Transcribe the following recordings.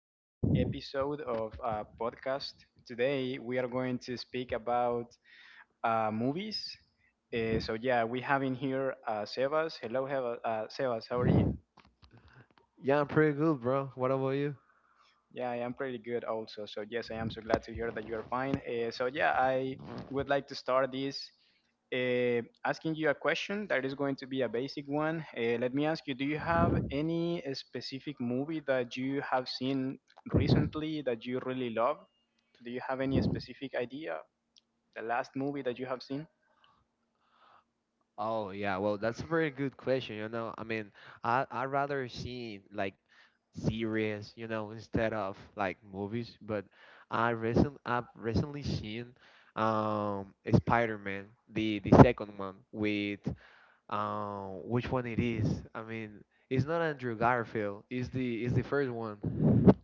to another episode of podcast. Today we are going to speak about movies. So we have in here Sebas. Hello, Sebas. How are you? Yeah, I'm pretty good, bro. What about you? Yeah, I am pretty good also. So yes, I am so glad to hear that you are fine. So I would like to start this asking you a question that is going to be a basic one. Let me ask you: do you have any specific movie that you have seen recently that you really love? Do you have any specific idea? The last movie that you have seen? Oh yeah, well that's a very good question, I mean, I rather see like series, you know, instead of like movies, but I've recently seen Spider-Man, the second one with which one it is? I mean, it's not Andrew Garfield, it's the first one,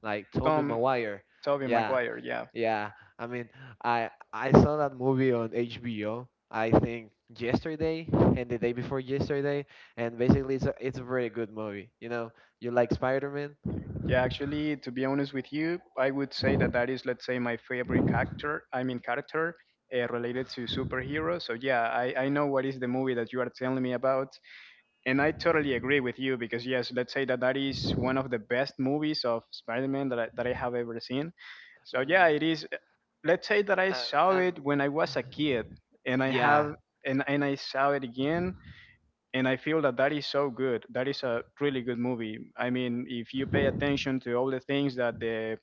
like Tommy Come, Maguire. Tobey Yeah, Maguire. Yeah. yeah, I mean, I saw that movie on HBO, I think yesterday and the day before yesterday, and basically it's a very good movie. You know, you like Spider-Man? Yeah, actually, to be honest with you, I would say that that is, let's say, my favorite character. I mean, character related to superheroes. So yeah, I know what is the movie that you are telling me about, and I totally agree with you because yes, let's say that that is one of the best movies of Spider-Man that I have ever seen. So yeah, it Mm, is. Let's say that I uh, saw it um, when I was a kid, and yeah, I saw it again and I feel that that is so good. That is a really good movie. I mean, if you pay attention to all the things that the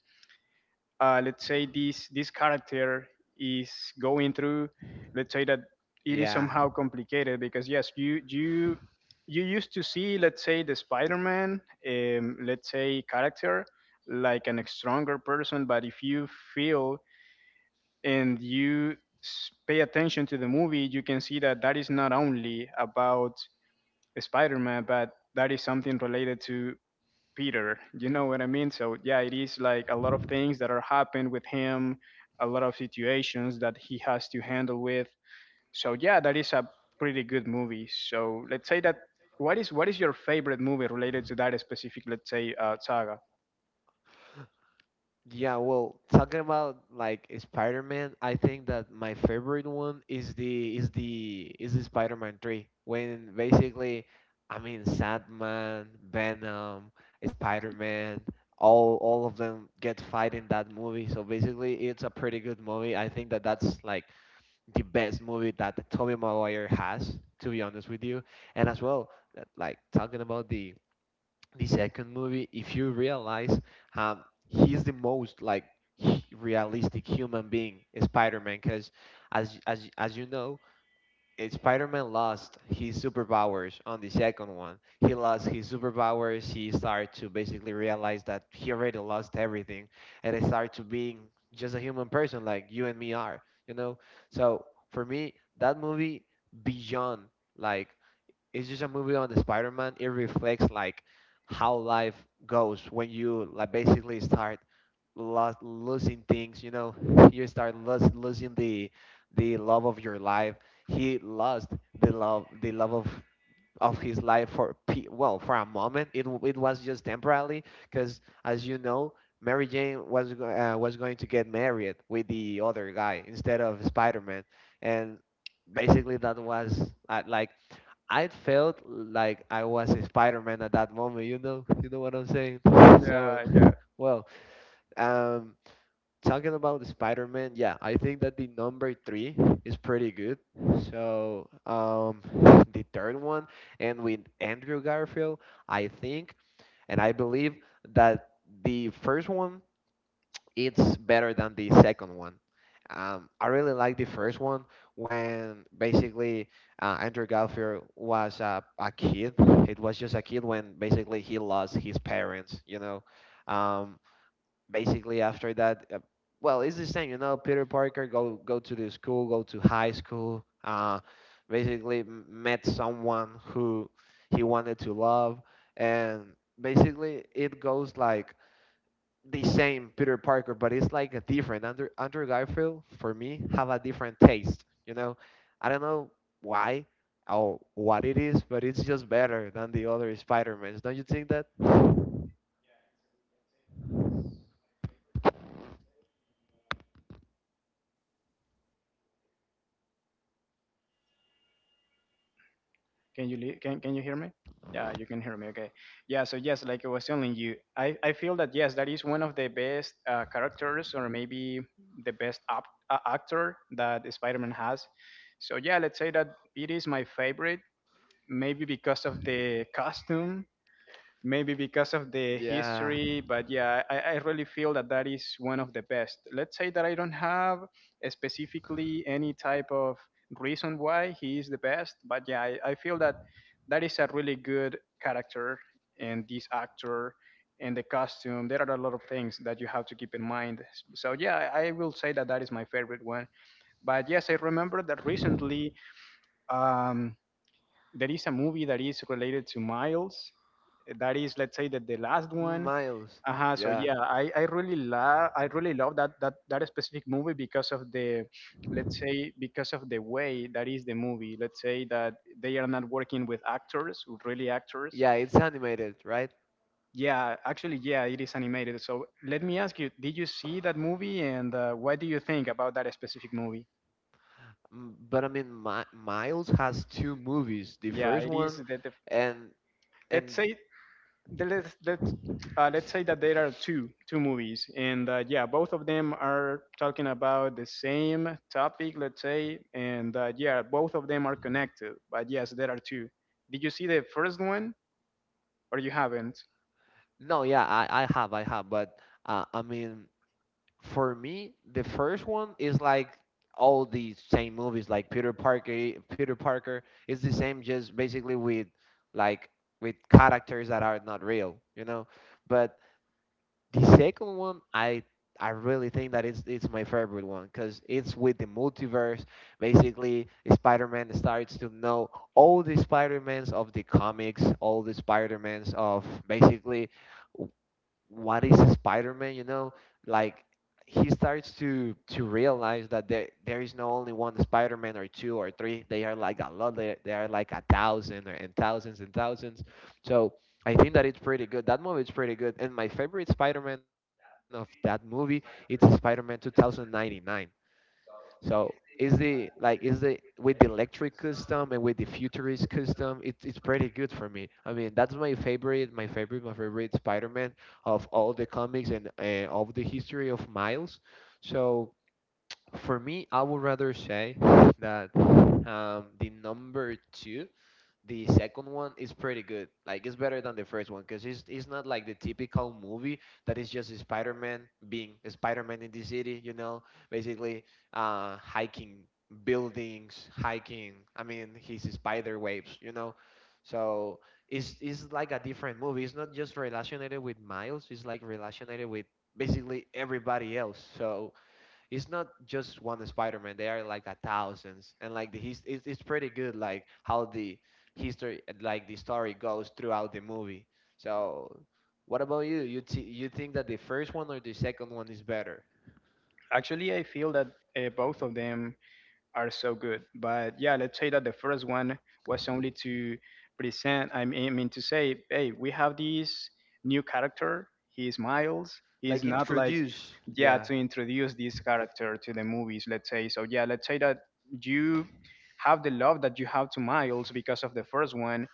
let's say this character is going through, let's say that it is yeah. somehow complicated because yes, you used to see, let's say, the Spider-Man, let's say character like an stronger person, but if you feel and you pay attention to the movie, you can see that that is not only about Spider-Man, but that is something related to Peter. You know what I mean? So yeah, it is like a lot of things that are happening with him, a lot of situations that he has to handle with. So yeah, that is a pretty good movie. So let's say that what is your favorite movie related to that specific, let's say, saga? Yeah, well, talking about like Spider-Man, I think that my favorite one is the Spider-Man 3, when basically I mean Sandman, Venom, Spider-Man, all of them get fight in that movie. So basically it's a pretty good movie. I think that that's like the best movie that Tobey Maguire has, to be honest with you. And as well, that, like talking about the second movie, if you realize, um, he's the most like realistic human being Spider-Man, because as you know, Spider-Man lost his superpowers on the second one. He lost his superpowers. He started to basically realize that he already lost everything, and he started to being just a human person like you and me are, you know. So for me, that movie beyond like it's just a movie on the Spider-Man, it reflects like how life goes when you like basically start losing things. You know, you start losing the love of your life. He lost the love of his life for well for a moment. It was just temporarily, because as you know, Mary Jane was was going to get married with the other guy instead of Spider-Man, and basically that was like I felt like I was a Spider-Man at that moment, you know what I'm saying? Yeah, So, I. well, um, talking about the Spider-Man, yeah, I think that the number three is pretty good. So, the third one, and with Andrew Garfield, I think, and I believe that the first one it's better than the second one. I really like the first one, when basically Andrew Garfield was a kid. It was just a kid when basically he lost his parents, you know. Um, Basically, after that, well, it's the same, you know. Peter Parker go to the school, go to high school. Basically, met someone who he wanted to love, and basically it goes like the same Peter Parker, but it's like a different Andrew Garfield. For me have a different taste. You know, I don't know why or what it is, but it's just better than the other Spider Mans. Don't you think that? Can you hear me? Yeah, you can hear me. Okay. Yeah. So yes, like I was telling you, I feel that yes, that is one of the best characters or maybe the best actor that Spider-Man has. So yeah, let's say that it is my favorite, maybe because of the costume, maybe because of the Yeah, history, but yeah, I really feel that that is one of the best. Let's say that I don't have specifically any type of reason why he is the best, but yeah, I feel that that is a really good character, and this actor and the costume, there are a lot of things that you have to keep in mind. So yeah, I will say that that is my favorite one, but yes, I remember that recently um, there is a movie that is related to Miles. That is, let's say that the last one. Miles. Uh-huh, so Yeah, yeah, I really love, I really love that, that specific movie because of the, let's say, because of the way that is the movie. Let's say that they are not working with actors, with really actors. yeah, it's animated, right? Yeah, actually, yeah, it is animated. So let me ask you, did you see that movie and what do you think about that specific movie? But I mean, Miles has two movies. The Yeah, first it is one, the and let's and say the- let's let's let's say that there are two movies, and yeah, both of them are talking about the same topic, let's say, and yeah, both of them are connected. But yes, there are two. Did you see the first one or you haven't? no, yeah, I have, but I mean, for me, the first one is like all the same movies, like Peter Parker. Peter Parker is the same, just basically with like with characters that are not real, you know. But the second one, I really think that it's my favorite one because it's with the multiverse. Basically, Spider-Man starts to know all the Spider-Mans of the comics, all the Spider-Mans of basically what is Spider-Man, you know? Like he starts to realize that there is no only one Spider-Man, or two or three. They are like a lot. They are like a thousand, or, and thousands and thousands. So I think that it's pretty good. That movie is pretty good. And my favorite Spider-Man of that movie, it's Spider-Man 2099. So is the like is the with the electric custom and with the futurist custom, it's pretty good for me. I mean, that's my favorite Spider-Man of all the comics and of the history of Miles. So for me, I would rather say that the number two the second one is pretty good. Like it's better than the first one, because it's not like the typical movie that is just Spider-Man being Spider-Man in the city. You know, basically hiking buildings, hiking, I mean, his spider webs. You know, so it's like a different movie. It's not just relationated with Miles. It's like relationated with basically everybody else. So it's not just one Spider-Man. They are like a thousands, and like the his, it's pretty good, like how the history, like the story goes throughout the movie. So, what about you? You you think that the first one or the second one is better? Actually, I feel that both of them are so good. But yeah, let's say that the first one was only to present, I mean to say, hey, we have this new character. He is Miles. He is Like not like, introduce, yeah, yeah. to introduce this character to the movies, let's say. So yeah, let's say that you have the love that you have to Miles because of the first one,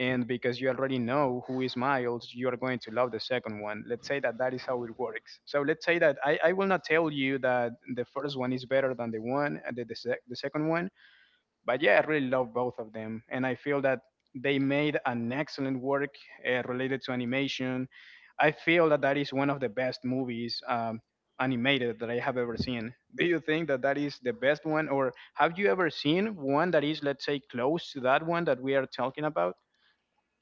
and because you already know who is Miles, you are going to love the second one. Let's say that that is how it works. So let's say that I will not tell you that the first one is better than the one and the second one, but yeah, I really love both of them, and I feel that they made an excellent work related to animation. I feel that that is one of the best movies animated that I have ever seen. Do you think that that is the best one or have you ever seen one that is, let's say, close to that one that we are talking about?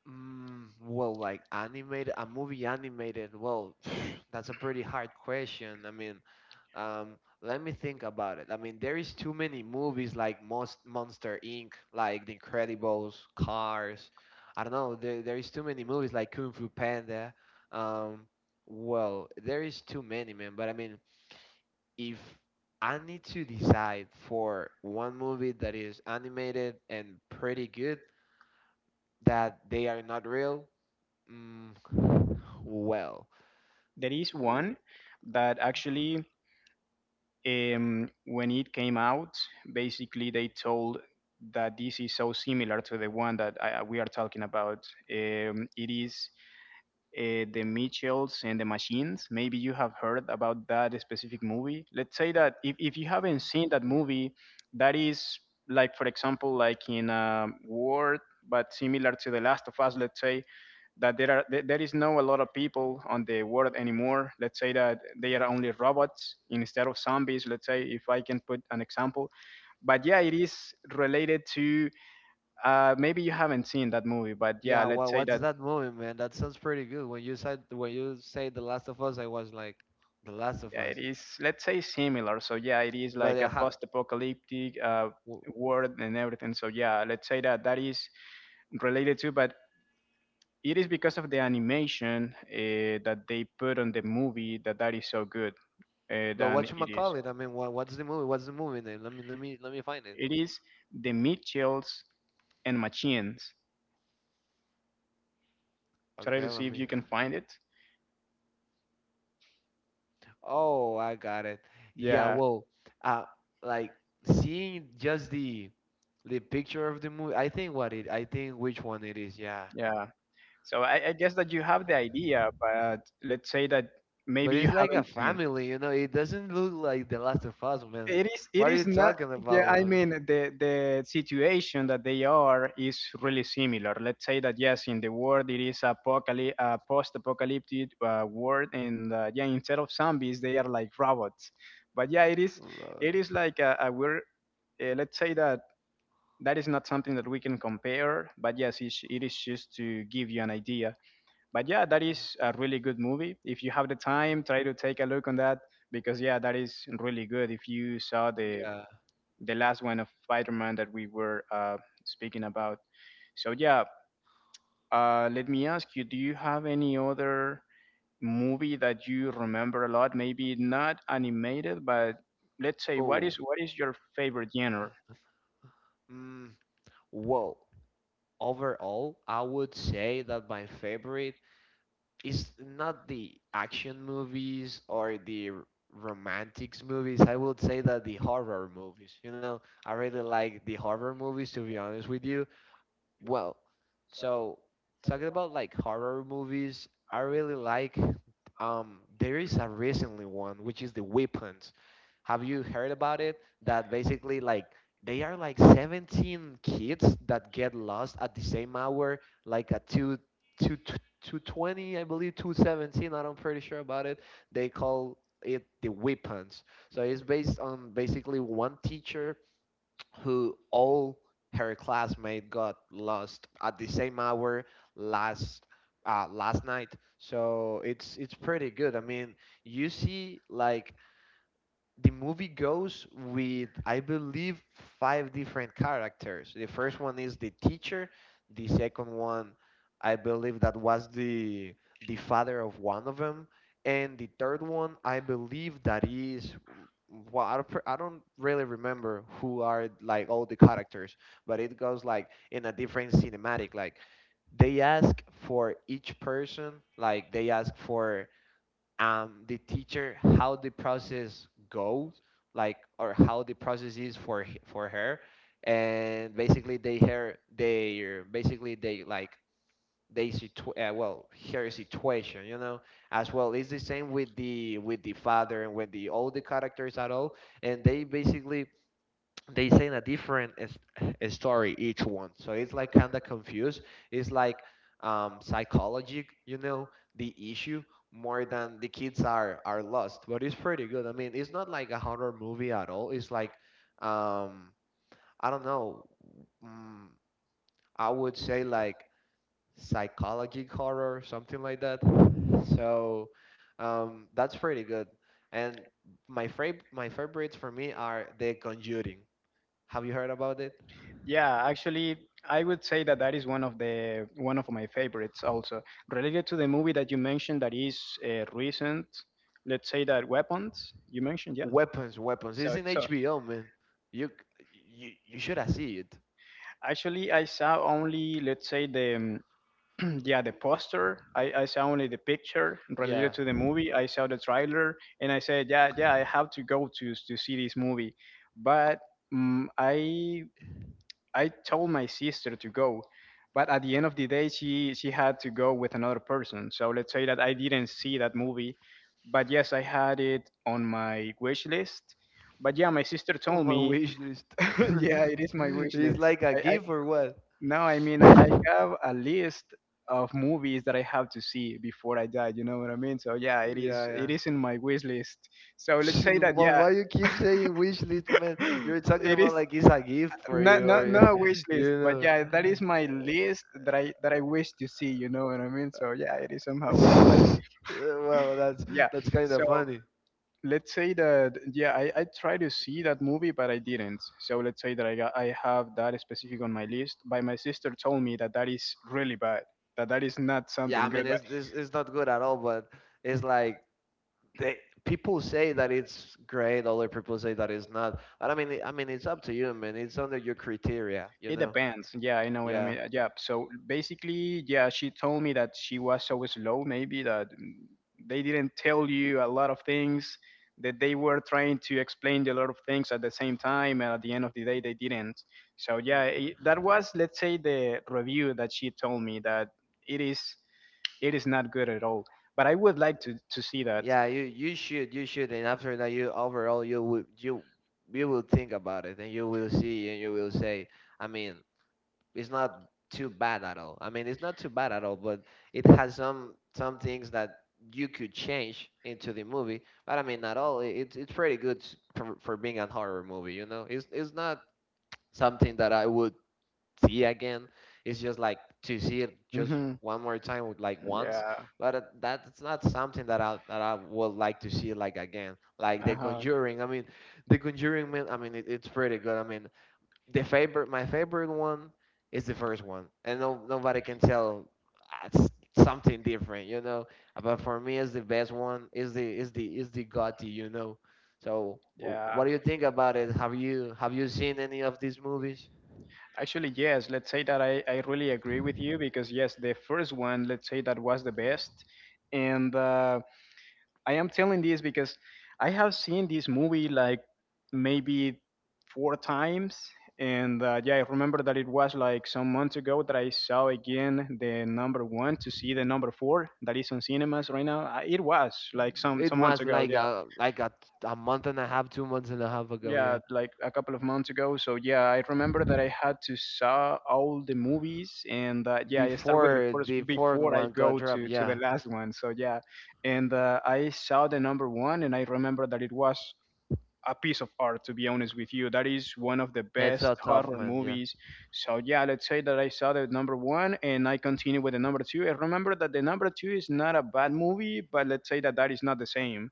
Mm, well, like animated, a movie animated. Well, that's a pretty hard question. I mean, let me think about it. I mean, there is too many movies like Most Monster Inc., like The Incredibles, Cars. I don't know. There is too many movies like Kung Fu Panda. Um, well, there is too many, man. But I mean, if I need to decide for one movie that is animated and pretty good, that they are not real, mm, well. There is one that, actually, when it came out, basically they told that this is so similar to the one that we are talking about. It is the Mitchells and the Machines. Maybe you have heard about that specific movie. Let's say that if you haven't seen that movie, that is like, for example, like in a Word, but similar to The Last of Us. Let's say that there are there there is no a lot of people on the world anymore. Let's say that they are only robots instead of zombies, let's say, if I can put an example. But yeah, it is related to, maybe you haven't seen that movie, but yeah, Yeah, let's well, say what's that, that movie, man? That sounds pretty good. When you said when you say The Last of Us, I was like, The Last of yeah, Us. it is, let's say, similar. So, yeah, it is But like a how, post apocalyptic world and everything. So, yeah, let's say that that is related to, but it is because of the animation that they put on the movie that that is so good but than what you it is. call it? I mean, what's the movie? What's the movie name? Let me find it. It is The Mitchells and Machines. Try Okay, to let see me. if you can find it. Oh, I got it. Yeah, Yeah, well, uh, like seeing just the picture of the movie. I think what it. I think which one it is. Yeah, yeah. So, I guess that you have the idea, but let's say that but maybe you it's like a haven't seen. family, you know. It doesn't look like The Last of Us, man. it is it What are you is not, talking yeah, I about, mean, the situation that they are is really similar. Let's say that yes, in the world, it is a apocalyptic, post-apocalyptic world, and yeah, instead of zombies they are like robots. But yeah, it is, bro? it is like a weird, let's say that that is not something that we can compare, but yes, it is just to give you an idea. But yeah, that is a really good movie. If you have the time, try to take a look on that because yeah, that is really good, if you saw the Yeah. the last one of Spider-Man that we were speaking about. So yeah, let me ask you: do you have any other movie that you remember a lot? Maybe not animated, but let's say, what Oh, is, what is your favorite genre? mm, well, overall, I would say that my favorite is not the action movies or the romantics movies. I would say that the horror movies. You know, I really like the horror movies, to be honest with you. Well, so talking about like horror movies, I really like there is a recently one which is The Weapons. Have you heard about it? That basically like they are like 17 kids that get lost at the same hour, like at two two twenty, I believe 217, I'm not pretty sure about it. They call it The Weapons. So it's based on basically one teacher who all her classmate got lost at the same hour last last night. So it's pretty good. I mean, you see like the movie goes with I believe five different characters. The first one is the teacher, the second one I believe that was the father of one of them, and the third one I believe that is well I don't, I don't really remember who are like all the characters, but it goes like in a different cinematic, like they ask for each person, like they ask for the teacher how the process goes like, or how the process is for for her, and basically they her they basically they like they well her situation, you know, as well it's the same with the father and with the all the characters at all, and they basically they say a different a story each one. So it's like kind of confused, it's like psychology, you know, the issue, more than the kids are lost. But it's pretty good. I mean, it's not like a horror movie at all. It's like um I don't know, mm, I would say like psychology horror, something like that. So that's pretty good. And my my favorites for me are The Conjuring. Have you heard about it? Yeah, actually, I would say that that is one of my favorites. Also related to the movie that you mentioned that is recent. Let's say that Weapons, you mentioned, yeah. Weapons, weapons. It's So, in HBO, man. You you should have seen it. actually, I saw only, let's say, the yeah, the poster. I saw only the picture related Yeah, to the movie. I saw the trailer, and I said, yeah, yeah, I have to go to see this movie. But mm I I told my sister to go, but at the end of the day, she had to go with another person. So let's say that I didn't see that movie, but yes, I had it on my wish list. But yeah, my sister on told my me, wish list. yeah, it is my wish It's list. like a I, gift or what? no, I mean, I have a list of movies that I have to see before I die. You know what I mean? So yeah, it is, Yeah, it yeah. is in my wish list. So let's say that But yeah, why you keep saying wish list, man? You're talking it is about like it's a gift for not you, or not you, not a wish list, you but know. yeah, that is my list that I wish to see. You know what I mean? So yeah, it is somehow weird, but Uh, well, that's yeah. Kind So of funny. let's say that yeah, I try to see that movie but I didn't. So let's say that I have that specific on my list, but my sister told me that that is really bad, that that is not Yeah, something I mean good. It's not good at all, but it's like they people say that it's great, other people say that it's not, but I mean, I mean, it's up to you, man. It's under your criteria, you It know. depends. Yeah, I know what I Yeah. mean. Yeah. So basically, yeah, she told me that she was so slow, maybe that they didn't tell you a lot of things, that they were trying to explain a lot of things at the same time, and at the end of the day, they didn't. So yeah, Mm. it, that was, let's say, the review that she told me that it is, it is not good at all. But I would like to see that. Yeah, you you should, and after that you overall, you will you will think about it and you will see and you will say, I mean it's not too bad at all. I mean it's not too bad at all, but it has some things that you could change into the movie, but I mean not all it's pretty good for being a horror movie, you know. It's not something that I would see again. It's just like to see it just Hmm. one more time, with, like once. Yeah. But that's not something that I would like to see like again. Like Uh The huh. Conjuring. I mean, The Conjuring. Man, I mean, it's pretty good. I mean, the favorite, my favorite one is the first one, and no nobody can tell uh, s- something different, you know. But for me, it's the best one. Is the gothy, you know. So, what Yeah. do you think about it? Have you seen any of these movies? Actually, yes. Let's say that I really agree with you because, yes, the first one, let's say that was the best. And I am telling this because I have seen this movie like maybe four times. And yeah, I remember that it was like some months ago that I saw again the number one to see the number four that is on cinemas right now. It was like some, It some months was ago. like Yeah. A month and a half, 2 months and a half ago. Yeah, Yeah, like a couple of months ago. So yeah, I remember that I had to saw all the movies, and yeah, I start with the before first the fourth before I one got go dropped. to the Yeah, last one. So yeah, and I saw the number one, and I remember that it was a piece of art, to be honest with you. That is one of the yeah, it's best so tough, horror man. Yeah. movies. So yeah, let's say that I saw the number one and I continue with the number two. I remember that the number two is not a bad movie, but let's say that that is not the same.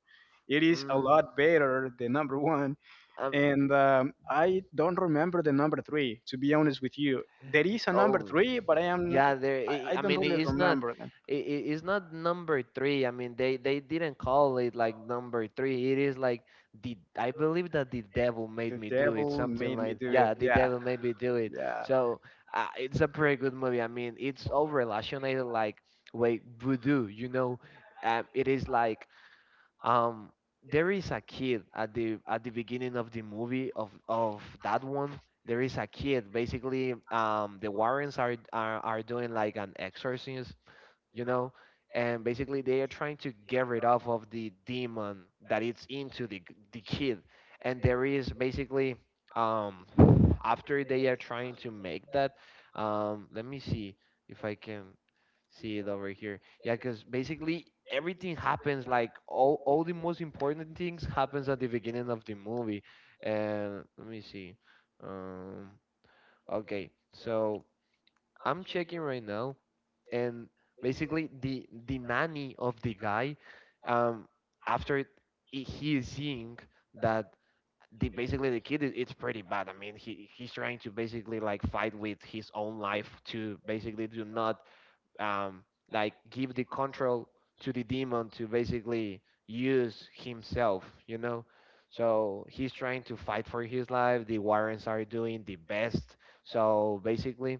It is a Mm, lot better than number one. um. And I don't remember the number three. To be honest with you, there is a number Oh. three, but I am Yeah, there. i I, I I don't mean, really it's not. remember them. It's not number three. I mean, they didn't call it like number three. It is like the. I believe that the devil made The me do it. devil Something made me like, do it. yeah, the Yeah, devil made me do it. yeah. So it's a pretty good movie. I mean, it's all relationated like with voodoo. You know, it is like um, there is a kid at the beginning of the movie of that one. There is a kid. Basically, the Warrens are are doing like an exorcism, you know, and basically they are trying to get rid of the demon that it's into the kid, and there is basically, um after they are trying to make that, let me see if I can see it over here. Yeah, because basically everything happens like all the most important things happens at the beginning of the movie. And let me see, um okay, so I'm checking right now, and basically the nanny of the guy, um, after it, he is seeing that the basically the kid is, it's pretty bad. I mean, he's trying to basically like fight with his own life to basically do not um like give the control to the demon to basically use himself, you know. So he's trying to fight for his life. The Warrens are doing the best. So basically,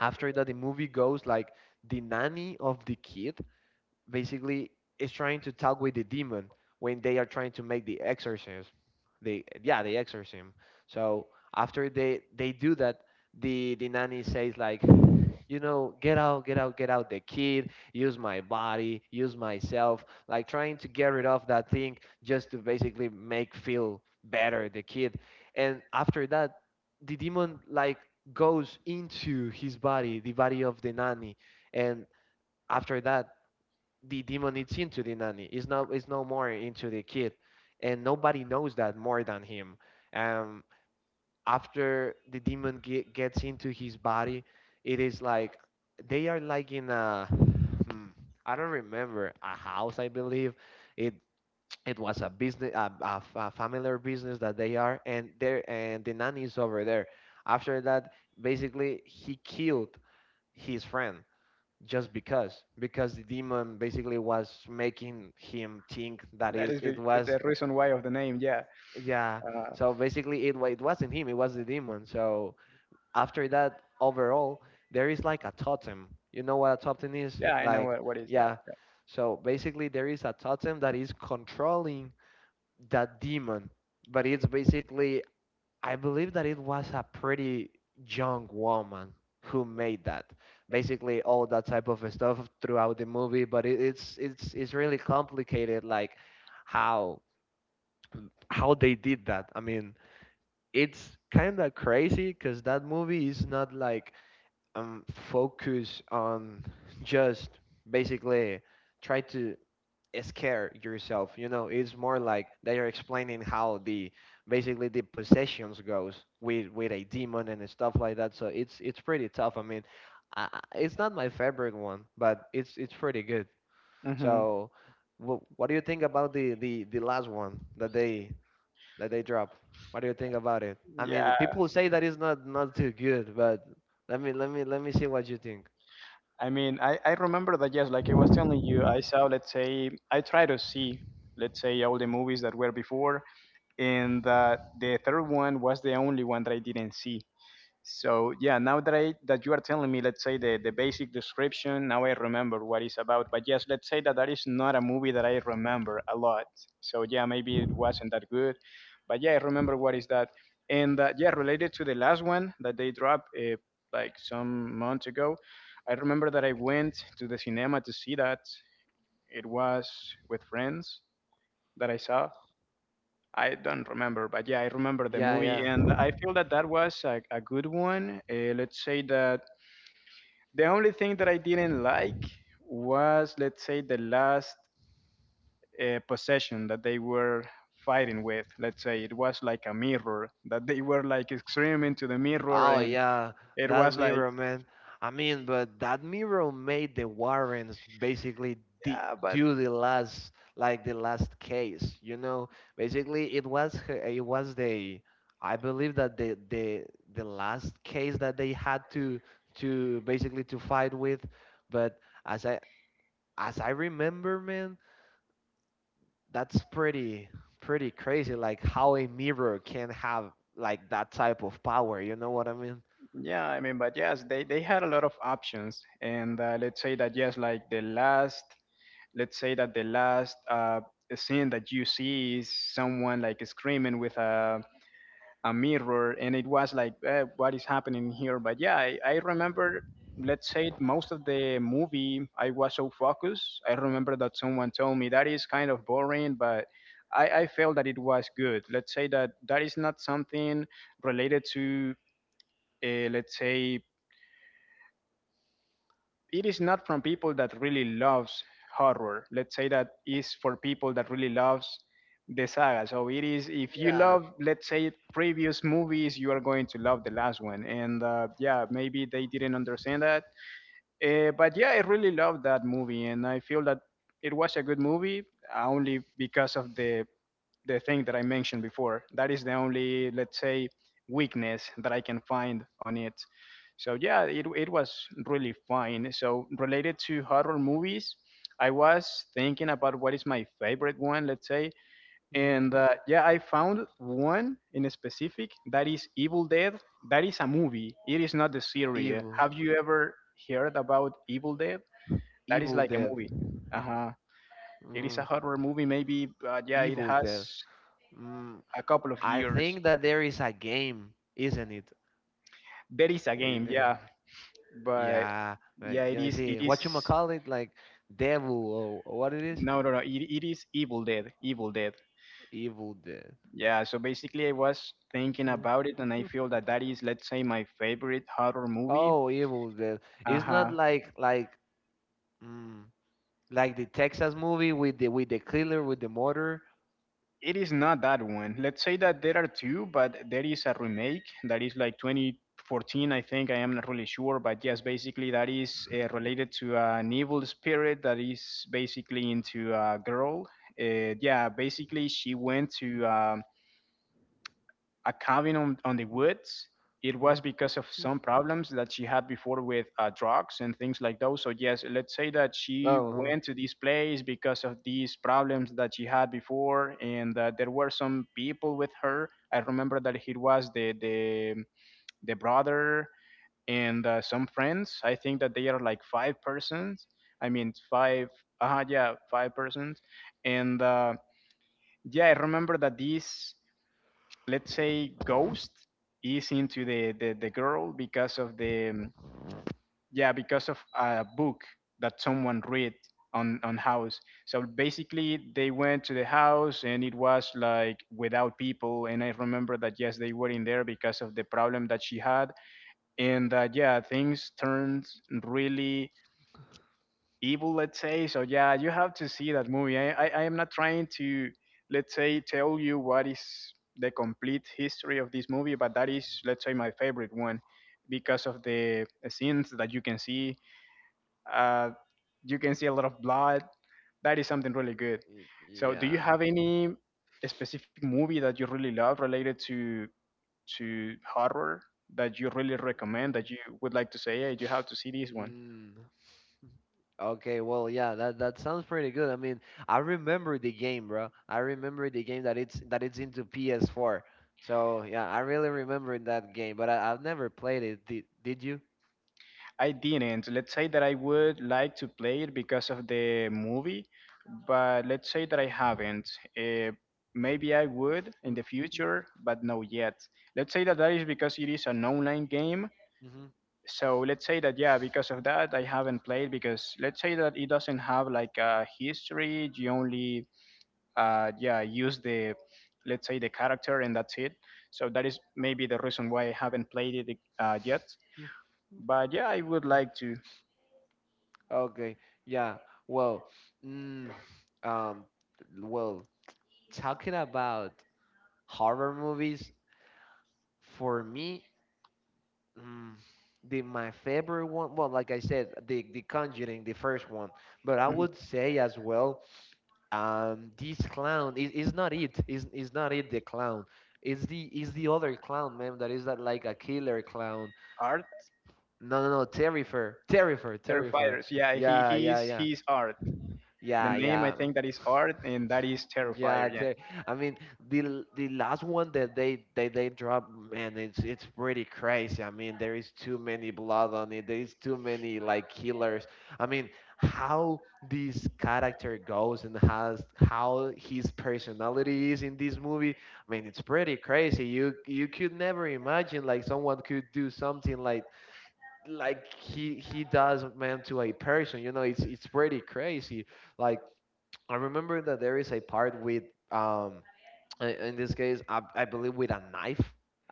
after that the movie goes like the nanny of the kid basically is trying to talk with the demon when they are trying to make the exorcism. They, yeah, the exorcism. So after they do that, the nanny says like, you know, get out, get out, get out, the kid, use my body, use myself, like trying to get rid of that thing just to basically make feel better the kid. And after that the demon like goes into his body, the body of the nanny. And after that the demon is into the nanny. It's no, it's no more into the kid, and nobody knows that more than him. um after the demon gets into his body, it is like they are like in a, I don't remember, a house. I believe it was a business, a familiar business that they are. And there, and the nanny is over there. After that, basically he killed his friend just because the demon basically was making him think that That is it the, was. the reason why of the name. Yeah. Yeah, Uh, so basically it wasn't him, it was the demon. So after that, overall there is like a totem, you know what a totem is Yeah, I know like. what is that. Yeah, so basically there is a totem that is controlling that demon, but it's basically, I believe that it was a pretty young woman who made that basically all that type of stuff throughout the movie. But it's it's really complicated like how they did that. I mean it's kind of crazy because that movie is not like um, focus on just basically try to scare yourself, you know. It's more like they are explaining how the basically the possessions goes with a demon and stuff like that. So it's pretty tough. I mean it's not my favorite one, but it's pretty good. Yeah. Hmm. So what do you think about the last one that they drop? What do you think about it? I mean, the Yeah. people say that it's not too good, but let me let me see what you think. I mean, I remember that. Yes, like I was telling you, I saw. Let's say I try to see. Let's say all the movies that were before, and the third one was the only one that I didn't see. So yeah, now that I that you are telling me, let's say the basic description, now I remember what it's about. But yes, let's say that that is not a movie that I remember a lot. So yeah, maybe it wasn't that good, but yeah, I remember what is that. And yeah, related to the last one that they dropped like some months ago, I remember that I went to the cinema to see that. It was with friends that I saw, I don't remember, but yeah, I remember the Yeah, movie, and yeah. I feel that that was a good one. Let's say that the only thing that I didn't like was, let's say, the last possession that they were fighting with. Let's say it was like a mirror that they were like screaming to the mirror, Oh and yeah, it that was like, mirror, man. I mean, but that mirror made the Warrens basically do the last, like the last case. You know, basically it was it was the, I believe that the last case that they had to basically to fight with. But as I remember, man, that's pretty crazy like how a mirror can have like that type of power, you know what I mean. yeah, I mean, but yes, they had a lot of options, and let's say that yes, like the last. Let's say that the last scene that you see is someone like screaming with a mirror, and it was like, what is happening here? But yeah, I remember. Let's say most of the movie I was so focused. I remember that someone told me that is kind of boring, but I felt that it was good. Let's say that that is not something related to, let's say, it is not from people that really loves horror. Let's say that is for people that really loves the saga. So it is, if you, yeah, Yeah. love, let's say, previous movies, you are going to love the last one. And yeah, maybe they didn't understand that. But yeah, I really loved that movie, and I feel that it was a good movie only because of the thing that I mentioned before. That is the only, let's say, weakness that I can find on it. So yeah, it was really fine. So related to horror movies, I was thinking about what is my favorite one, let's say, Mhm. and yeah, I found one in specific that is Evil Dead. That is a movie. It is not the series. evil Have you ever heard about Evil Dead? That is Evil like a dead. movie. Uh huh. It is a mm, horror movie, maybe, but yeah, it evil has dead. mm, a couple of I years. think that there is a game, isn't it? There is a It, game, eh, yeah, but yeah, like yeah, it let me is. It see is what you call it, like devil, or what it is, no, no, no. It is Evil Dead. Evil Dead. evil dead. Yeah. So basically, I was thinking Mm. about it, and I feel that that is, let's say, my favorite horror movie. Oh, Evil Dead. Uh It's not huh. like mm, like the Texas movie with the killer with the motor. It is not that one. Let's say that there are two, but there is a remake that is like 2014, I think. I am not really sure, but yes, basically that is related to an evil spirit that is basically into a girl. Yeah, basically she went to a cabin on the woods. It was because of some problems that she had before with drugs and things like those. So yes, let's say that she Oh, huh. went to this place because of these problems that she had before, and there were some people with her. I remember that it was the brother and some friends. I think that they are like five persons. I mean five. Yeah, five persons. And yeah, I remember that this, let's say, ghost is into the girl because of the, yeah, because of a book that someone read on house. So basically they went to the house, and it was like without people, and I remember that, yes, they were in there because of the problem that she had, and that, yeah, things turned really evil, let's say. So yeah, you have to see that movie. I am not trying to, let's say, tell you what is the complete history of this movie, but that is, let's say, my favorite one because of the scenes that you can see. Uh, you can see a lot of blood. That is something really good. So, do you Yeah. have any specific movie that you really love related to horror that you really recommend, Mm. that you would like to say, hey, you have to see this one? Mm. Okay, well, yeah, that sounds pretty good. I mean, I remember the game, bro. I remember the game that it's into PS4. So, yeah, I really remember that game, but I've never played it. Did you? I didn't. Let's say that I would like to play it because of the movie, but let's say that I haven't. Uh, maybe I would in the future, but no yet. Let's say that that is because it is an online game. Mm-hmm. So let's say that yeah, because of that I haven't played, because let's say that it doesn't have like a history. You only yeah, use the, let's say, the character, and that's it. So that is maybe the reason why I haven't played it yet. But yeah, I would like to. Okay. Yeah. Well, mm, um, well, talking about horror movies, for me. Mm, the my favorite one, well, like I said, the Conjuring, the first one. But I would say as well, this clown is not it. Is not it the clown? It's the, is the other clown, man. That is that like a killer clown. Art No, no, no, Terrifier, Terrifier. Terrifiers. Yeah, he Yeah, yeah, he's yeah, he's Art. The yeah, name, I yeah. think that is Art, and that is Yeah, Terrifier. Yeah. they, I mean the the last one that they drop, man, it's pretty crazy. I mean, there is too many blood on it. There is too many like killers. I mean, how this character goes and has, how his personality is in this movie. I mean, it's pretty crazy. You could never imagine like someone could do something like he does, man, to a person. You know, it's pretty Really crazy. Like like I remember that there is a part with, um, in this case, I believe with a knife.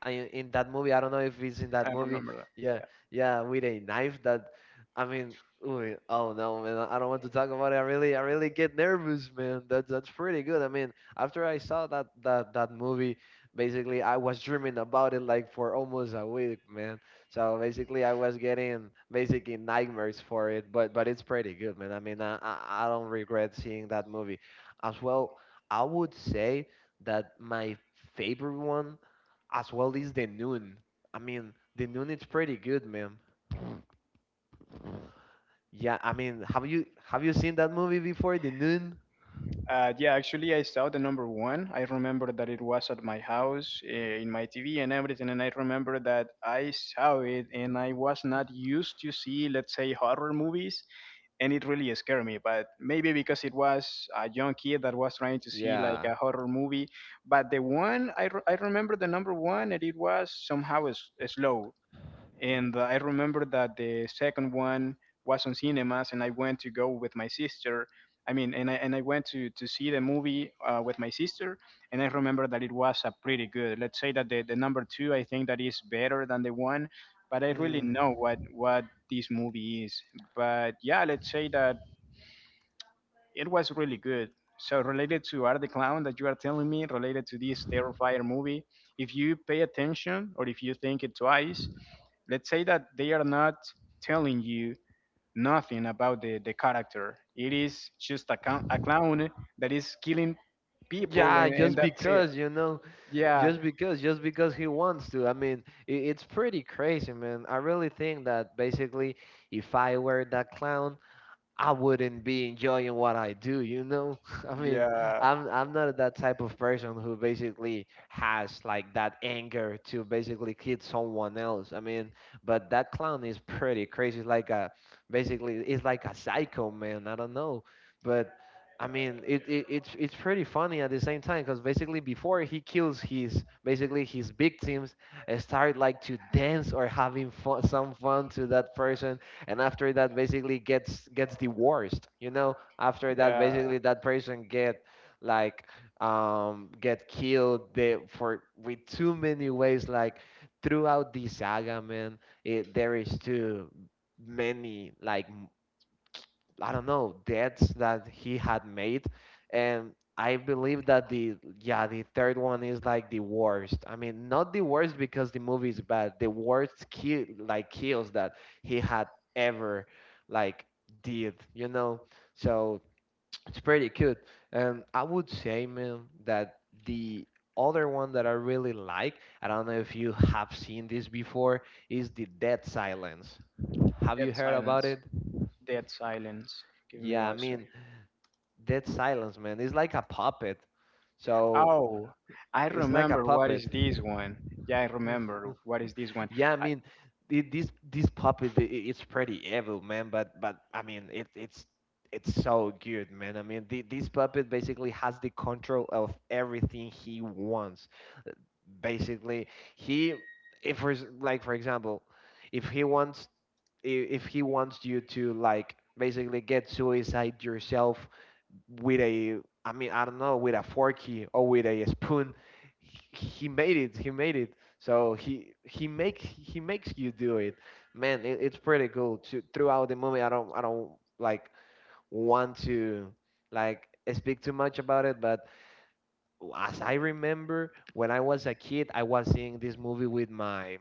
In that movie, I like, don't know if it's in that movie. remember that. Yeah, Yeah. yeah, with a knife. That, I mean, ooh, oh no, man, I don't want to talk about it. I really get nervous, man. That's pretty good. I mean, after I saw that movie, basically, I was dreaming about it like for almost a week, man. So basically, I was getting basically nightmares for it. But it's pretty good, man. I mean, I don't regret seeing that movie, as well. I would say that my favorite one as well is the Nun. I mean, the Nun is pretty good, man. Yeah, I mean, have you seen that movie before, the Nun? Yeah, actually, I saw the number one. I remember that it was at my house, in my TV and everything. And I remember that I saw it and I was not used to see, let's say, horror movies, and it really scared me. But maybe because it was a young kid that was trying to see like Yeah. a horror movie. But the one I remember the number one, and it was somehow slow. And I remember that the second one was on cinemas, and I went to go with my sister. I mean, and I went to see the movie with my sister, and I remember that it was a pretty good. Let's say that the number two, I think that is better than the one, but I really Mm, know what this movie is. But yeah, let's say that it was really good. So related to Art the Clown that you are telling me, related to this Terrifier movie, if you pay attention or if you think it twice, let's say that they are not telling you nothing about the character. It is just a clown that is killing people, yeah, and just that's it. because, you know, Yeah, just because he wants to. I mean, I it's pretty crazy, man. I really think that basically, if I were that clown, I wouldn't be enjoying what I do, you know? I mean, yeah, I'm not that type of person who basically has like that anger to basically kid someone else. I mean, but that clown is pretty crazy. It's like a basically, it's like a psycho man. I don't know. But I mean, it it's pretty funny at the same time, because basically before he kills his basically his victims, start like to dance or having fun, some fun to that person, and after that basically gets divorced, you know, after that yeah, basically that person get like get killed. For, with too many ways like throughout the saga, man, there is too many like, I don't know, deaths that he had made. And I believe that the, yeah, the third one is like the worst. I mean, not the worst because the movie is bad. The worst kill, like kills that he had ever like did. You know, so it's pretty good. And I would say, man, that the other one that I really like, I don't know if you have seen this before, is the Dead Silence. Have you dead heard silence. about it? Dead silence. Give me Yeah, I one second. mean, Dead Silence, man. It's like a puppet. So Oh, I it's like a remember what puppet. is this one. Yeah, I remember what is this one. Yeah, I I, mean, this puppet, it's pretty evil, man. But I mean, it's so good, man. I mean, this puppet basically has the control of everything he wants. Basically, he if for ex- like for example, if he wants you to, like, basically get suicide yourself with a I mean, I don't know, with a forky or with a spoon. He made it. He made it. So he makes you do it. Man, it's pretty cool. Throughout the movie, I don't like want to, like, speak too much about it, but as I remember, when I was a kid, I was seeing this movie with my,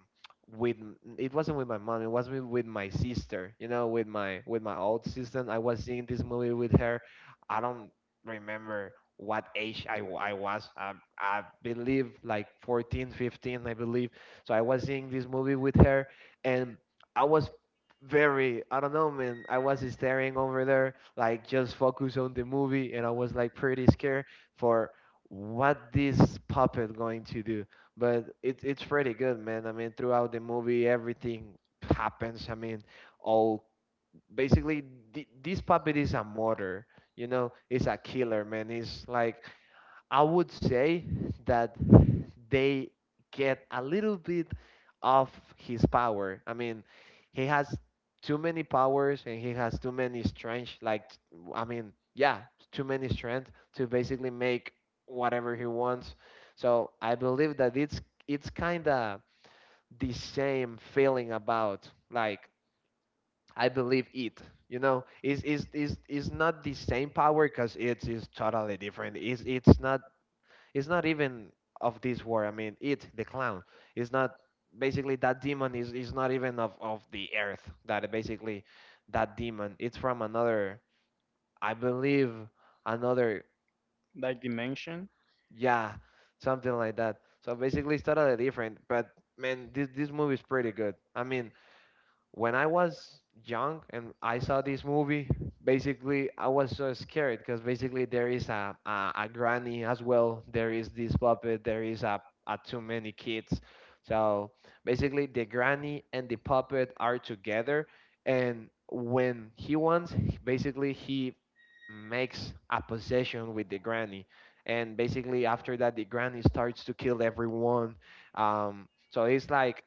with it wasn't with my mom, it was with my sister, with my old sister. I was seeing this movie with her. I don't remember what age I, wa- I was I believe, like, 14, 15, I believe. So I was seeing this movie with her, and I was very, I don't know man, I was staring over there, like, just focus on the movie, and I was, like, pretty scared for what this puppet going to do. But it's pretty good, man. I mean, throughout the movie, everything happens. I mean, all basically this puppet is a murderer. It's a killer, man. It's like I would say that they get a little bit of his power. I mean, he has too many powers, and he has too many strength. Like, I mean, yeah, too many strength to basically make whatever he wants. So I believe that it's kind of the same feeling about, like, I believe it. You know, is not the same power because it's is totally different. Is it's not even of this war. I mean, it, the clown, is not basically, that demon is not even of the earth. That basically, that demon. It's from another, I believe, another, like dimension? yeah, something like that. So basically, it's totally different. But, man, this movie is pretty good. I mean, when I was young and I saw this movie, basically I was so scared because basically there is a granny as well. There is this puppet. There is a too many kids. So basically, the granny and the puppet are together, and when he wants, basically he makes a possession with the granny. And basically, after that, the granny starts to kill everyone. So it's like,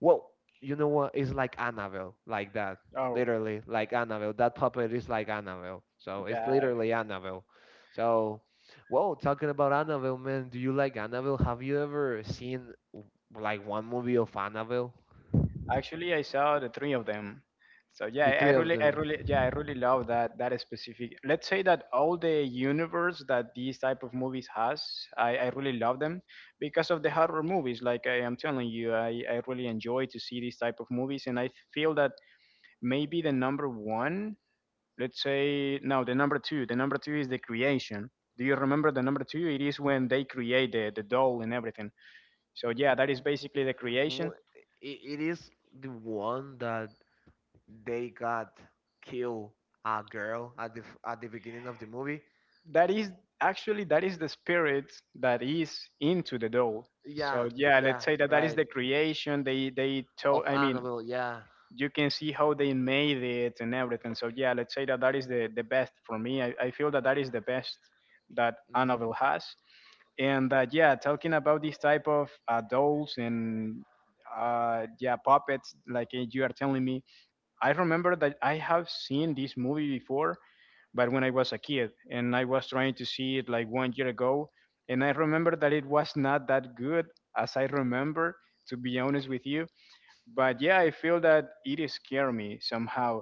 well, you know what? It's like Annabelle, like that. Oh, Literally, like Annabelle. That puppet is like Annabelle. So it's God. literally Annabelle. So, well, talking about Annabelle, man, do you like Annabelle? Have you ever seen, like, one movie of Annabelle? Actually, I saw the three of them. So yeah, The I three of really, I them. really, yeah, I really love that specific. Let's say that all the universe that these type of movies has, I really love them because of the horror movies. Like I am telling you, I really enjoy to see these type of movies, and I feel that maybe the number one, let's say, no, the number two is the creation. Do you remember the number two? It is when they create the doll and everything. So yeah, that is basically the creation, Wh- it is the one that they got kill a girl at the beginning of the movie. that is actually that is the spirit that is into the dough. Yeah, So yeah, yeah, let's say that that is right. the creation. They Of told, I mean, Annabelle, yeah. you can see how they made it and everything. So yeah, let's say that that is the best for me. I feel that that is the best that Hmm. Annabelle has, and that, yeah, talking about this type of dolls and yeah puppets, like you are telling me. I remember that I have seen this movie before, but when I was a kid, and I was trying to see it like 1 year ago, and I remember that it was not that good as I remember, to be honest with you. But yeah, I feel that it scared me somehow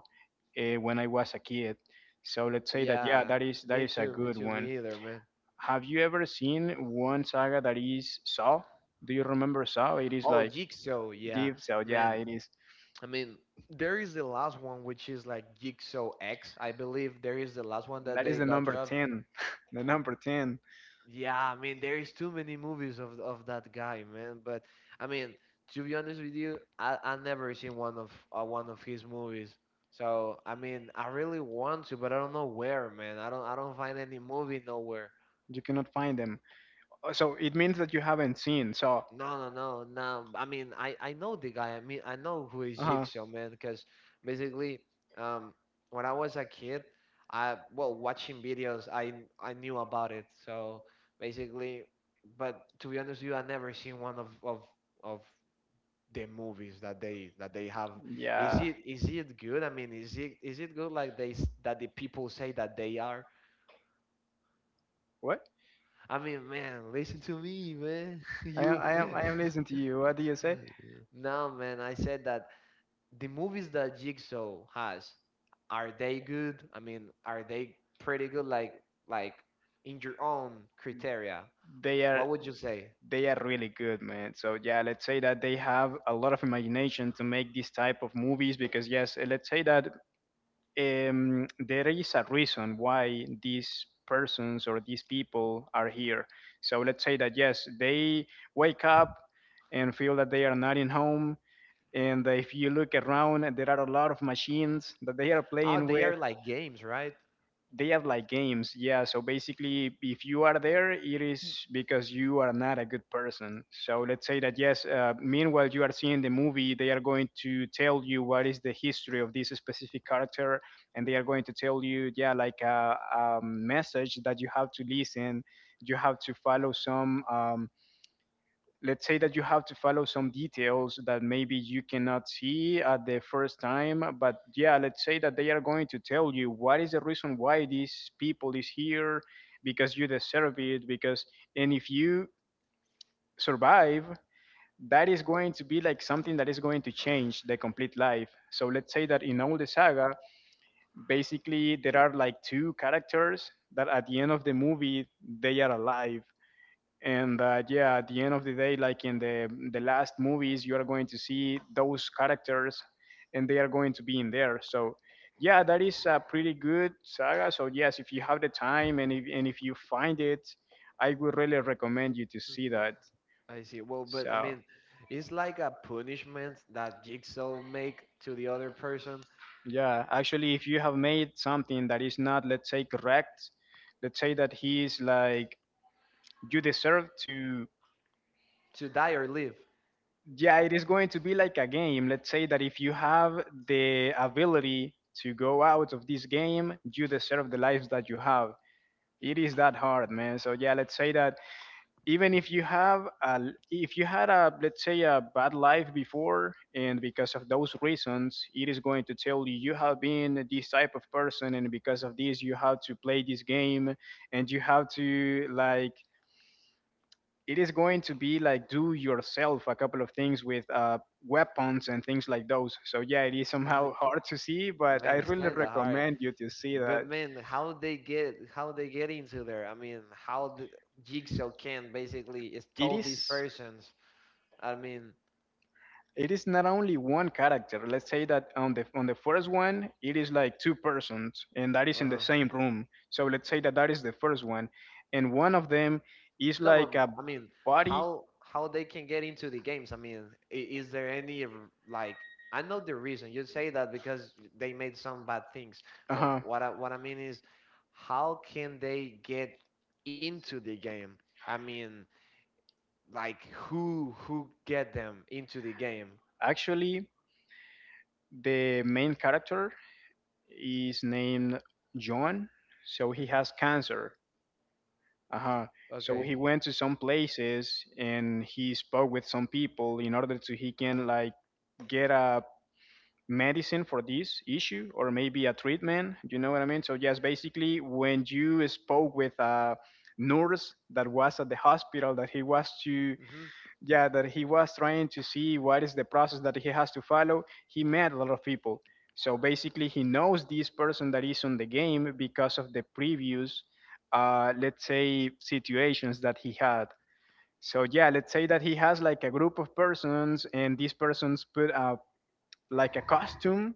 when I was a kid. So let's say that yeah, Yeah, that is me a too, me good too, one. me either, man. Have you ever seen one saga that is Saw? Do you remember Saw? It is Oh, like Jigsaw, yeah, Deep Saw. Yeah, man. it is. I mean, there is the last one, which is like Jigsaw X, I believe. There is the last one that That is they the got number dropped. 10. The number 10. Yeah, I mean, there is too many movies of that guy, man. But I mean, to be honest with you, I never seen one of, one of his movies. So I mean, I really want to, but I don't know where, man. I don't find any movie nowhere. You cannot find them. So it means that you haven't seen. So, No, no, no, no. I mean, I know the guy. I mean, I know who is uh-huh. Jigsaw, man. Because basically, um, when I was a kid, I well, watching videos, I knew about it. So basically, but to be honest with you, I never seen one of the movies that they have. Is Yeah. it is it good? I mean, is it good, like that the people say that they are? What? I mean, man, listen to me, man. You I am listening to you. What do you say? no, man. I said that. The movies that Jigsaw has, are they good? I mean, are they pretty good? Like, in your own criteria, They are, what would you say? they are really good, man. So yeah, let's say that they have a lot of imagination to make this type of movies, because yes, let's say that there is a reason why these persons or these people are here. So let's say that yes, they wake up and feel that they are not in home. And if you look around, there are a lot of machines that they are Oh, playing they with. are like games, right? They are like games. Yeah, so basically, if you are there, it is because you are not a good person. So let's say that yes, meanwhile you are seeing the movie, they are going to tell you what is the history of this specific character, and they are going to tell you, yeah, like a message that you have to listen, you have to follow some let's say that you have to follow some details that maybe you cannot see at the first time, but yeah, let's say that they are going to tell you what is the reason why these people is here, because you deserve it, because, and if you survive, that is going to be like something that is going to change the complete life. So let's say that in all the saga, basically there are like two characters that at the end of the movie they are alive, and that, yeah, at the end of the day, like in the last movies, you are going to see those characters, and they are going to be in there. So yeah, that is a pretty good saga. So yes, if you have the time, and if you find it, I would really recommend you to see that. I see. Well, but I So mean, it's like a punishment that Jigsaw make to the other person yeah, actually, if you have made something that is not, let's say, correct, let's say that he is like you deserve to. to die or live. Yeah, it is going to be like a game. Let's say that if you have the ability to go out of this game, you deserve the lives that you have. It is that hard, man. So yeah, let's say that even if you have a, if you had a, let's say, a bad life before, and because of those reasons, it is going to tell you, you have been this type of person, and because of this, you have to play this game, and you have to, like, it is going to be like do yourself a couple of things with weapons and things like those. So yeah, it is I somehow mean, hard to see, but I man, it's really kind of hard. recommend you to see that. But, man, how they get into there? I mean, how Jigsaw can basically It stole these is persons. I mean, not only one character. Let's say that on the first one, it is like two persons, and that is in the uh same room. So let's say that that is the first one, and one of them is no, like but a I mean, body. how they can get into the games? I mean, is there any like, I know the reason you say that because they made some bad things, Uh but huh. what I mean is, how can they get into the game? I mean, like, who get them into the game? Actually, the main character is named John, so he Hmm. has cancer. Uh-huh. So Okay. he went to some places and he spoke with some people in order to he can like get a medicine for this issue or maybe a treatment. You know what I mean? So yes, basically when you spoke with a nurse that was at the hospital that he was to, Hmm. yeah, that he was trying to see what is the process that he has to follow, he met a lot of people. So basically he knows this person that is on the game because of the previous let's say situations that he had. So yeah, let's say that he has like a group of persons, and these persons put up like a costume,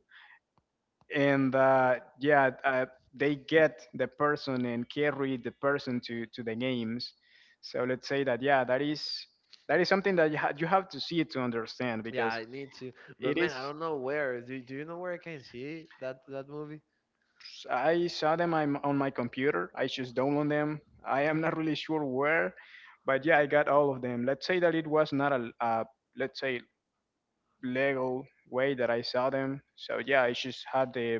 and yeah, they get the person and carry the person to the games. So let's say that yeah, that is something that you, you have to see to understand Yeah, because I need to. But, it man, is. I don't know where. Do you know where I can see that movie? I saw them I'm on my computer. I just download them. I am not really sure where, but yeah, I got all of them. Let's say that it was not a let's say legal way that I saw them. So yeah, I just had the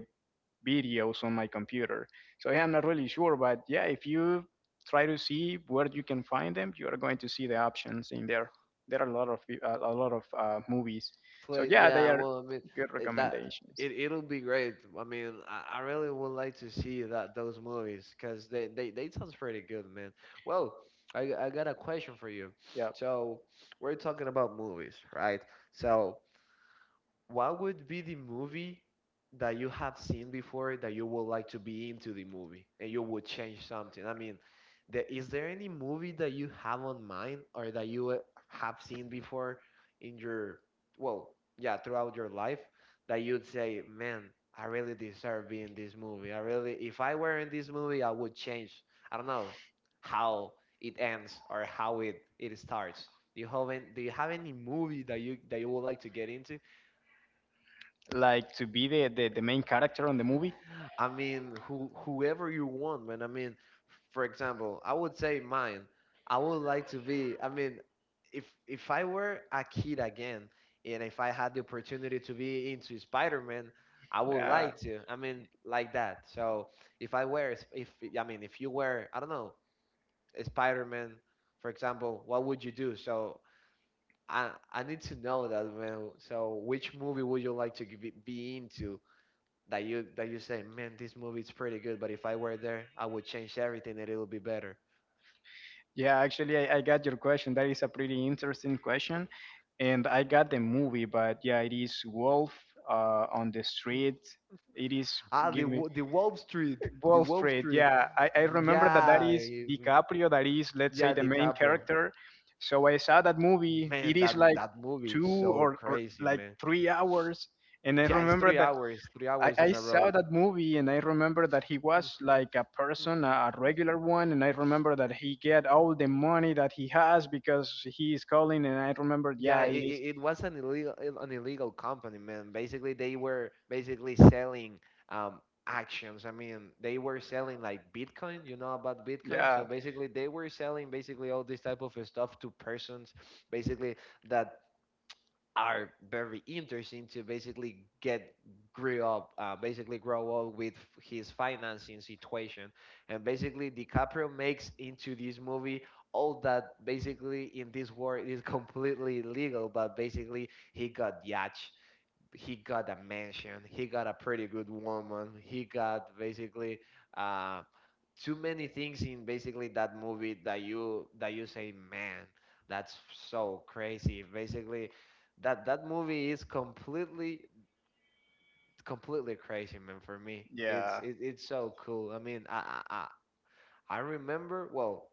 videos on my computer. So yeah, I'm not really sure, but yeah, if you try to see where you can find them, you are going to see the options in there. There are a lot of movies. So Place. yeah, they Yeah, are well, I mean, good it- that recommendations. it it'll be great. I mean, I really would like to see that those movies because they sounds pretty good, man. Well, I got a question for you. Yeah, So we're talking about movies, right? So what would be the movie that you have seen before that you would like to be into the movie, and you would change something? I mean, is there any movie that you have on mind, or that you, have seen before in your, well, yeah, throughout your life, that you'd say, man, I really deserve being in this movie. I really, if I were in this movie, I would change. I don't know how it ends or how it starts. Do you have any movie that you would like to get into? like to be the the main character on the movie. I mean, whoever you want, man. I mean, for example, I would say mine. I would like to be. I mean, if I were a kid again, and if I had the opportunity to be into Spider-Man, I would Yeah. like to. I mean, like that. So, if I were, s- if I mean, if you were, I don't know, a Spider-Man, for example, what would you do? So I need to know that, man. So which movie would you like to be into, that you say, man, this movie is pretty good, but if I were there, I would change everything, and it would be better? Yeah, actually, I got your question. That is a pretty interesting question. And I got the movie, but yeah, it is Wolf on the Street. It is, Ah, the give me. Wolf Street, the Wall Wolf Street. Street, Yeah, I remember that that yeah, is DiCaprio. That is, let's say, yeah, the main DiCaprio, character. So I saw that movie. It man, is that like that movie is two so or crazy, like man. 3 hours, and I Yeah, it's remember three that hours, three I, hours I in a row. saw that movie, and I remember that he was like a person, a regular one, and I remember that he get all the money that he has because he is calling, and I remember, Yeah, yeah, it, it is. it it was an illegal company, man. Basically, they were basically selling actions. I mean, they were selling like Bitcoin. You know about Bitcoin? Yeah. So basically, they were selling basically all this type of stuff to persons, basically that are very interesting to basically grow up with his financing situation, and basically DiCaprio makes into this movie all that basically in this world is completely illegal, but basically he got yacht, he got a mansion, he got a pretty good woman, he got basically, uh, too many things in basically that movie that you say, man, that's so crazy. Basically, that movie is completely crazy, man. For me, it's Yeah. it, it's so cool. I mean, I remember, well,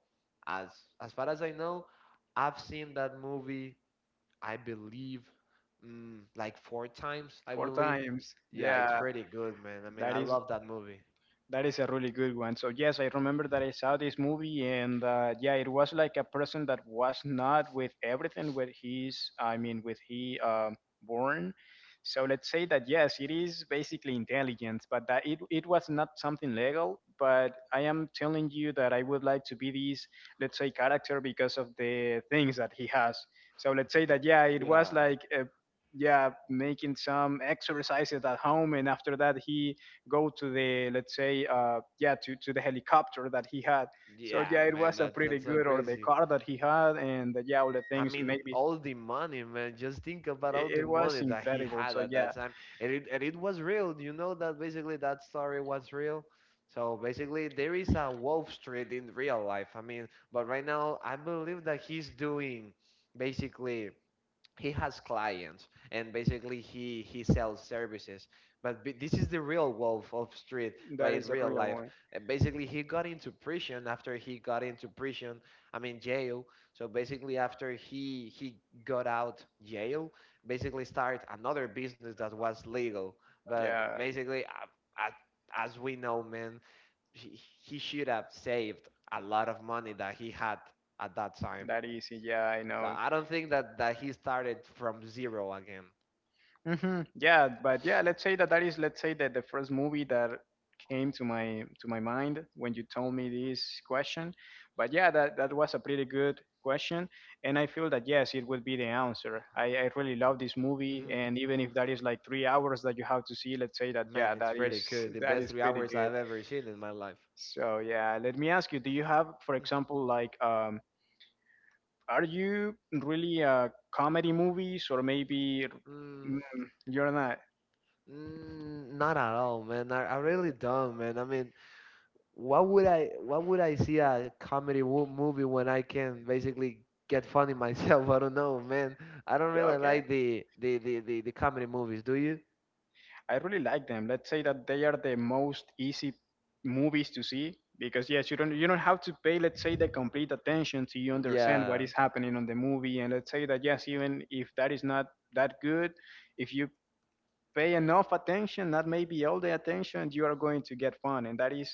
as as far as I know, I've seen that movie, I believe, like, 4 times, I Four believe. times. Yeah, it's Yeah. pretty good, man. I mean, That I is. love that movie. That is a really good one. So yes, I remember that I saw this movie, and yeah, it was like a person that was not with everything with his, I mean, with he born. So let's say that yes, it is basically intelligence, but that it was not something legal. But I am telling you that I would like to be this, let's say, character because of the things that he has. So let's say that yeah, it was Yeah, like yeah, making some exercises at home, and after that he go to the, let's say, yeah, to the helicopter that he had. So yeah, yeah, it man, was a that's pretty that's so good or the crazy. car that he had, and yeah, all the I things, mean, maybe all the money, man. Just think about all it the was money that he incredible. had So at yeah, that time, and it was real. You know that basically that story was real. So basically, there is a Wall Street in real life. I mean, but right now, I believe that he's doing basically. He has clients, and basically he sells services, but this is the real wolf of street, but that in is a real real life, one. and basically he got into prison. After he got into prison, I mean, jail, so basically after he got out jail, basically start another business that was legal, but Yeah, basically, uh, as we know, man, he, he should have saved a lot of money that he had at that time, that easy. Yeah, I so know. I don't think that he started from zero again. Hmm. Yeah, but yeah, let's say that that is, let's say, that the first movie that came to my mind when you told me this question. But yeah, that was a pretty good question, and I feel that yes, it would be the answer. I really love this movie, hmm and even if that is like 3 hours that you have to see, let's say that yeah, Man, it's that is pretty good. The that best is three pretty hours good. I've ever seen in my life. So yeah, let me ask you, do you have, for example, like, are you really comedy movies or maybe Mm, mm, you're not? mm, not at all, man. I really don't, man. I mean, what would I see a comedy movie when I can basically get funny myself? I don't know, man. I don't Yeah, really okay. like the comedy movies. Do you? I really like them. Let's say that they are the most easy movies to see, because yes, you don't, you don't have to pay, let's say, the complete attention to you understand what Yeah. is happening on the movie. And let's say that yes, even if that is not that good, if you pay enough attention, not maybe all the attention, you are going to get fun, and that is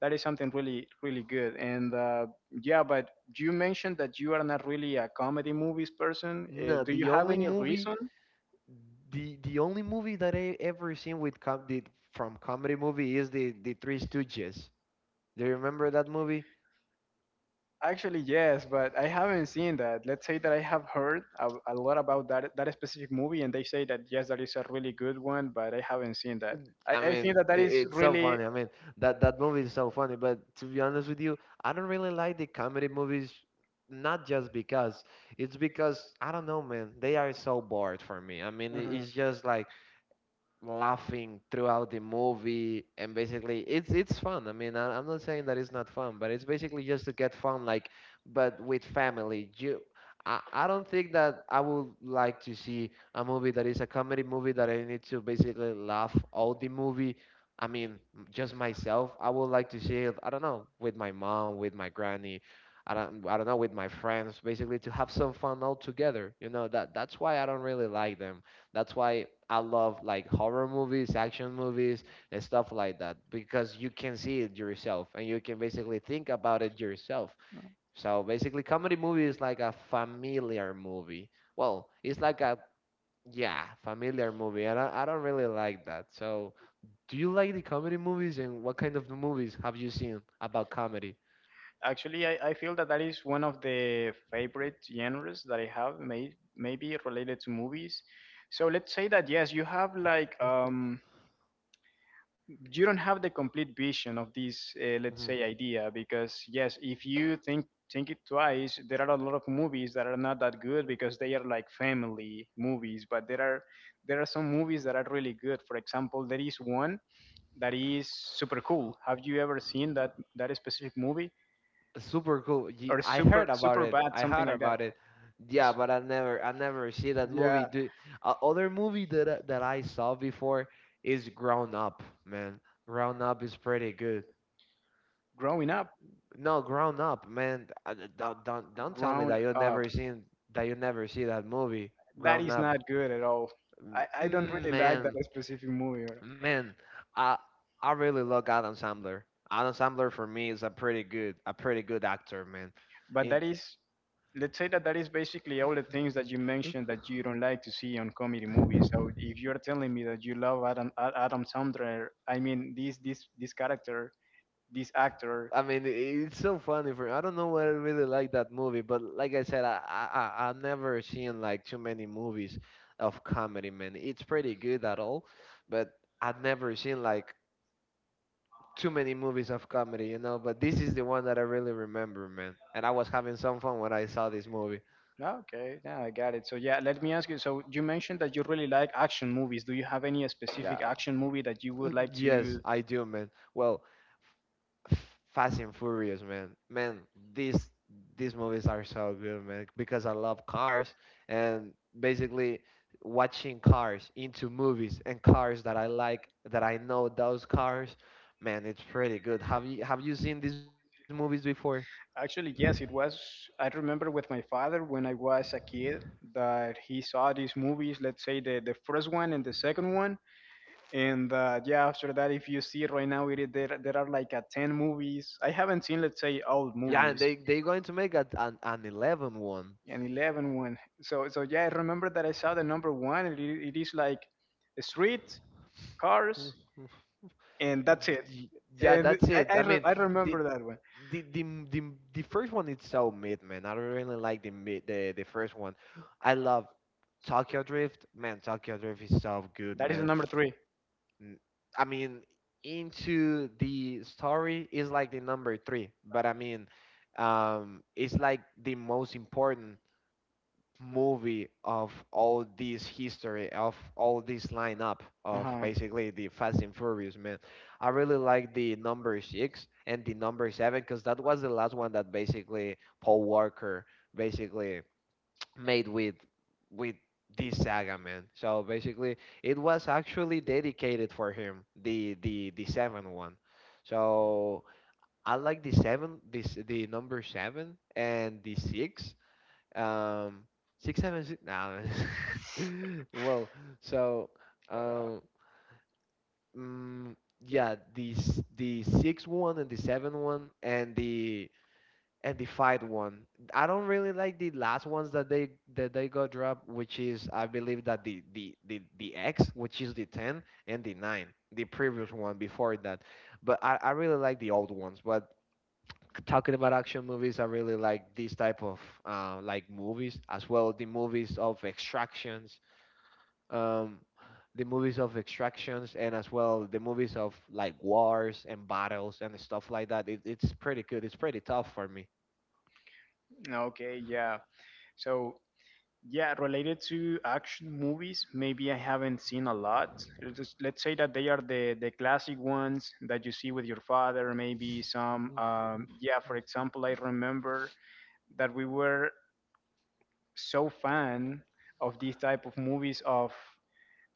something really, really good. And yeah, but you mentioned that you are not really a comedy movies person. No, Do you the have only any movie reason? The the only movie that I ever seen with comedy movie is the Three Stooges. Do you remember that movie? Actually, yes, but I haven't seen that. Let's say that I have heard a lot about that specific movie, and they say that yes, that is a really good one, but I haven't seen that. I, I I think mean, that that it, is it's so really. funny. I mean, that that movie is so funny. But to be honest with you, I don't really like the comedy movies. Not just because it's because I don't know, man. They are so bored for me. I mean, it- Mhm. it's just like laughing throughout the movie, and basically it's fun. I'm not saying that it's not fun, but it's basically just to get fun like, but with family. I don't think that I would like to see a movie that is a comedy movie that I need to basically laugh all the movie. I mean, just myself. I would like to see it, I don't know, with my mom, with my granny, I don't know, with my friends, basically to have some fun all together. That's why I don't really like them. That's why I love like horror movies, action movies, and stuff like that, because you can see it yourself and you can basically think about it yourself. So basically, comedy movie is like a familiar movie. Well, it's like a, yeah, familiar movie, and I don't really like that. So, do you like the comedy movies, and what kind of movies have you seen about comedy? Actually, I feel that that is one of the favorite genres that I have, maybe related to movies. So let's say that yes, you have like you don't have the complete vision of this let's say idea, because yes, if you think it twice there are a lot of movies that are not that good because they are like family movies, but there are some movies that are really good. For example, there is one that is super cool. Have you ever seen that specific movie, Super cool. Or I heard Super about Super it. Bad, I something heard like that? about it. Yeah, but I never see that Yeah, movie. Do Other movie that I saw before is Grown Up, man. Grown Up is pretty good. growing up, No, Grown Up, man. Don't tell me grown up, that you never see that movie. that Grown is Up. not good at all. I don't really like Man, that specific movie, man, I I really love Adam Sandler. Adam Sandler for me is a pretty good actor, man. but that is, let's say that that is basically all the things that you mentioned that you don't like to see on comedy movies. So if you're telling me that you love Adam Sandler, I mean this character, this actor. I mean, it's so funny. For I don't know why I really like that movie, but like I said, I've never seen like too many movies of comedy, man. It's pretty good at all, but I've never seen like too many movies of comedy. But this is the one that I really remember, man. And I was having some fun when I saw this movie. Okay, now I got it. So yeah, let me ask you. So you mentioned that you really like action movies. Do you have any Yeah. specific action movie that you would like Yes, to? I do, man. Well, Fast and Furious, man. Man, these these movies are so good, man, because I love cars, and basically watching cars into movies, and cars that I like, that I know those cars, man, it's pretty good. Have you seen these movies before? Actually, yes, it was. I remember with my father when I was a kid that he saw these movies, let's say the first one and the second one. And yeah, after that, if you see right now, there are like a 10 movies. I haven't seen, let's say, old Yeah, and movies, they're going to make a, an 11 one. an 11 one. So yeah, I remember that I saw the number one, and it is like a street, cars, and that's it. Y- Yeah, And that's I, it. I, I re- mean, I the, remember that one. the the the the first one is so mid, man. I really like the mid the first one. I love Tokyo Drift, man. Tokyo Drift is so good, That is the man. number three. N- I mean, into the story is like the number three, but I mean, it's like the most important movie of all this history, of all this lineup of Uh-huh. basically the Fast and And Furious, man. I really like the number six and the number seven, because that was the last one that basically Paul Walker basically made with this saga, man. So basically it was actually dedicated for him, the seven one. So I like the seven, this, the number seven and the six um, six seven six. Nah. Well, so Uh, um, mm, yeah, the six one and the seven one and the five one. I don't really like the last ones that they got dropped, which is, I believe that the X, which is the ten and the nine, the previous one before that. But I really like the old ones. But talking about action movies, I really like these type of like movies as well. Um, the movies of extractions, and as well, the movies of like wars and battles and stuff like that. It's pretty good. It's pretty tough for me. Okay, yeah. So, yeah, related to action movies, maybe I haven't seen a lot. Let's say that they are the classic ones that you see with your father, maybe some Mm, mm, yeah, for mm. example, I remember that we were so fan of these type of movies of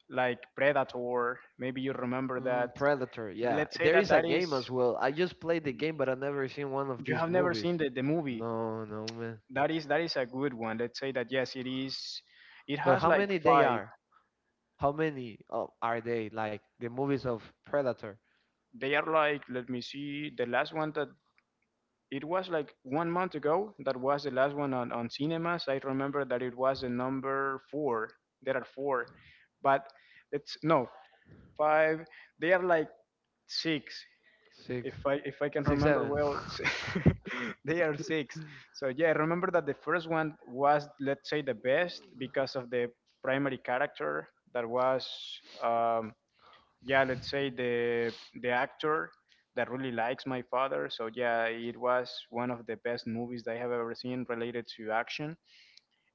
like Predator. Maybe you remember that. Mm, Predator, yeah. Let's say There that is a that is game as well. I just played the game, but I never seen one of you these have never movies. seen the movie. No, no, man. That is a good one. Let's say that yes, it is. It But has how like many they five. are? How many are they? Like the movies of Predator? They are like, let me see, the last one that it was like one month ago. That was the last one on cinemas. I remember that it was the number four. There are four, but it's no five. They are like six. Six. If I can Six remember seven. well, they are six. So yeah, I remember that the first one was, let's say, the best because of the primary character that was um, yeah, let's say the actor that really likes my father. So yeah, it was one of the best movies that I have ever seen related to action.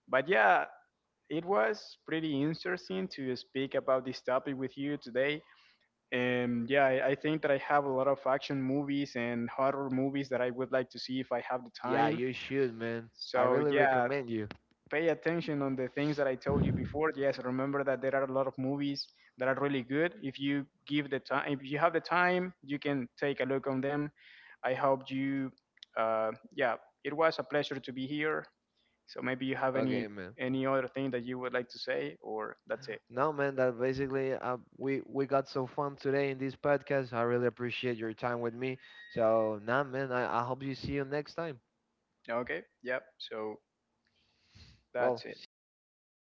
But yeah. It was pretty interesting to speak about this topic with you today. And yeah, I think that I have a lot of action movies and horror movies that I would like to see if I have the Yeah, time. you should, man. I So really yeah, recommend you. pay attention on the things that I told you before. Yes, remember that there are a lot of movies that are really good. If you give the time, if you have the time, you can take a look on them. I hope you, yeah, it was a pleasure to be here. So maybe you have any Okay, man. any other thing that you would like to say, or that's it. No, man. That basically, we got so fun today in this podcast. I really appreciate your time with me. So, nah, man. I hope you see you next time. Okay. Yep. So that's Well, it. see you, man. We got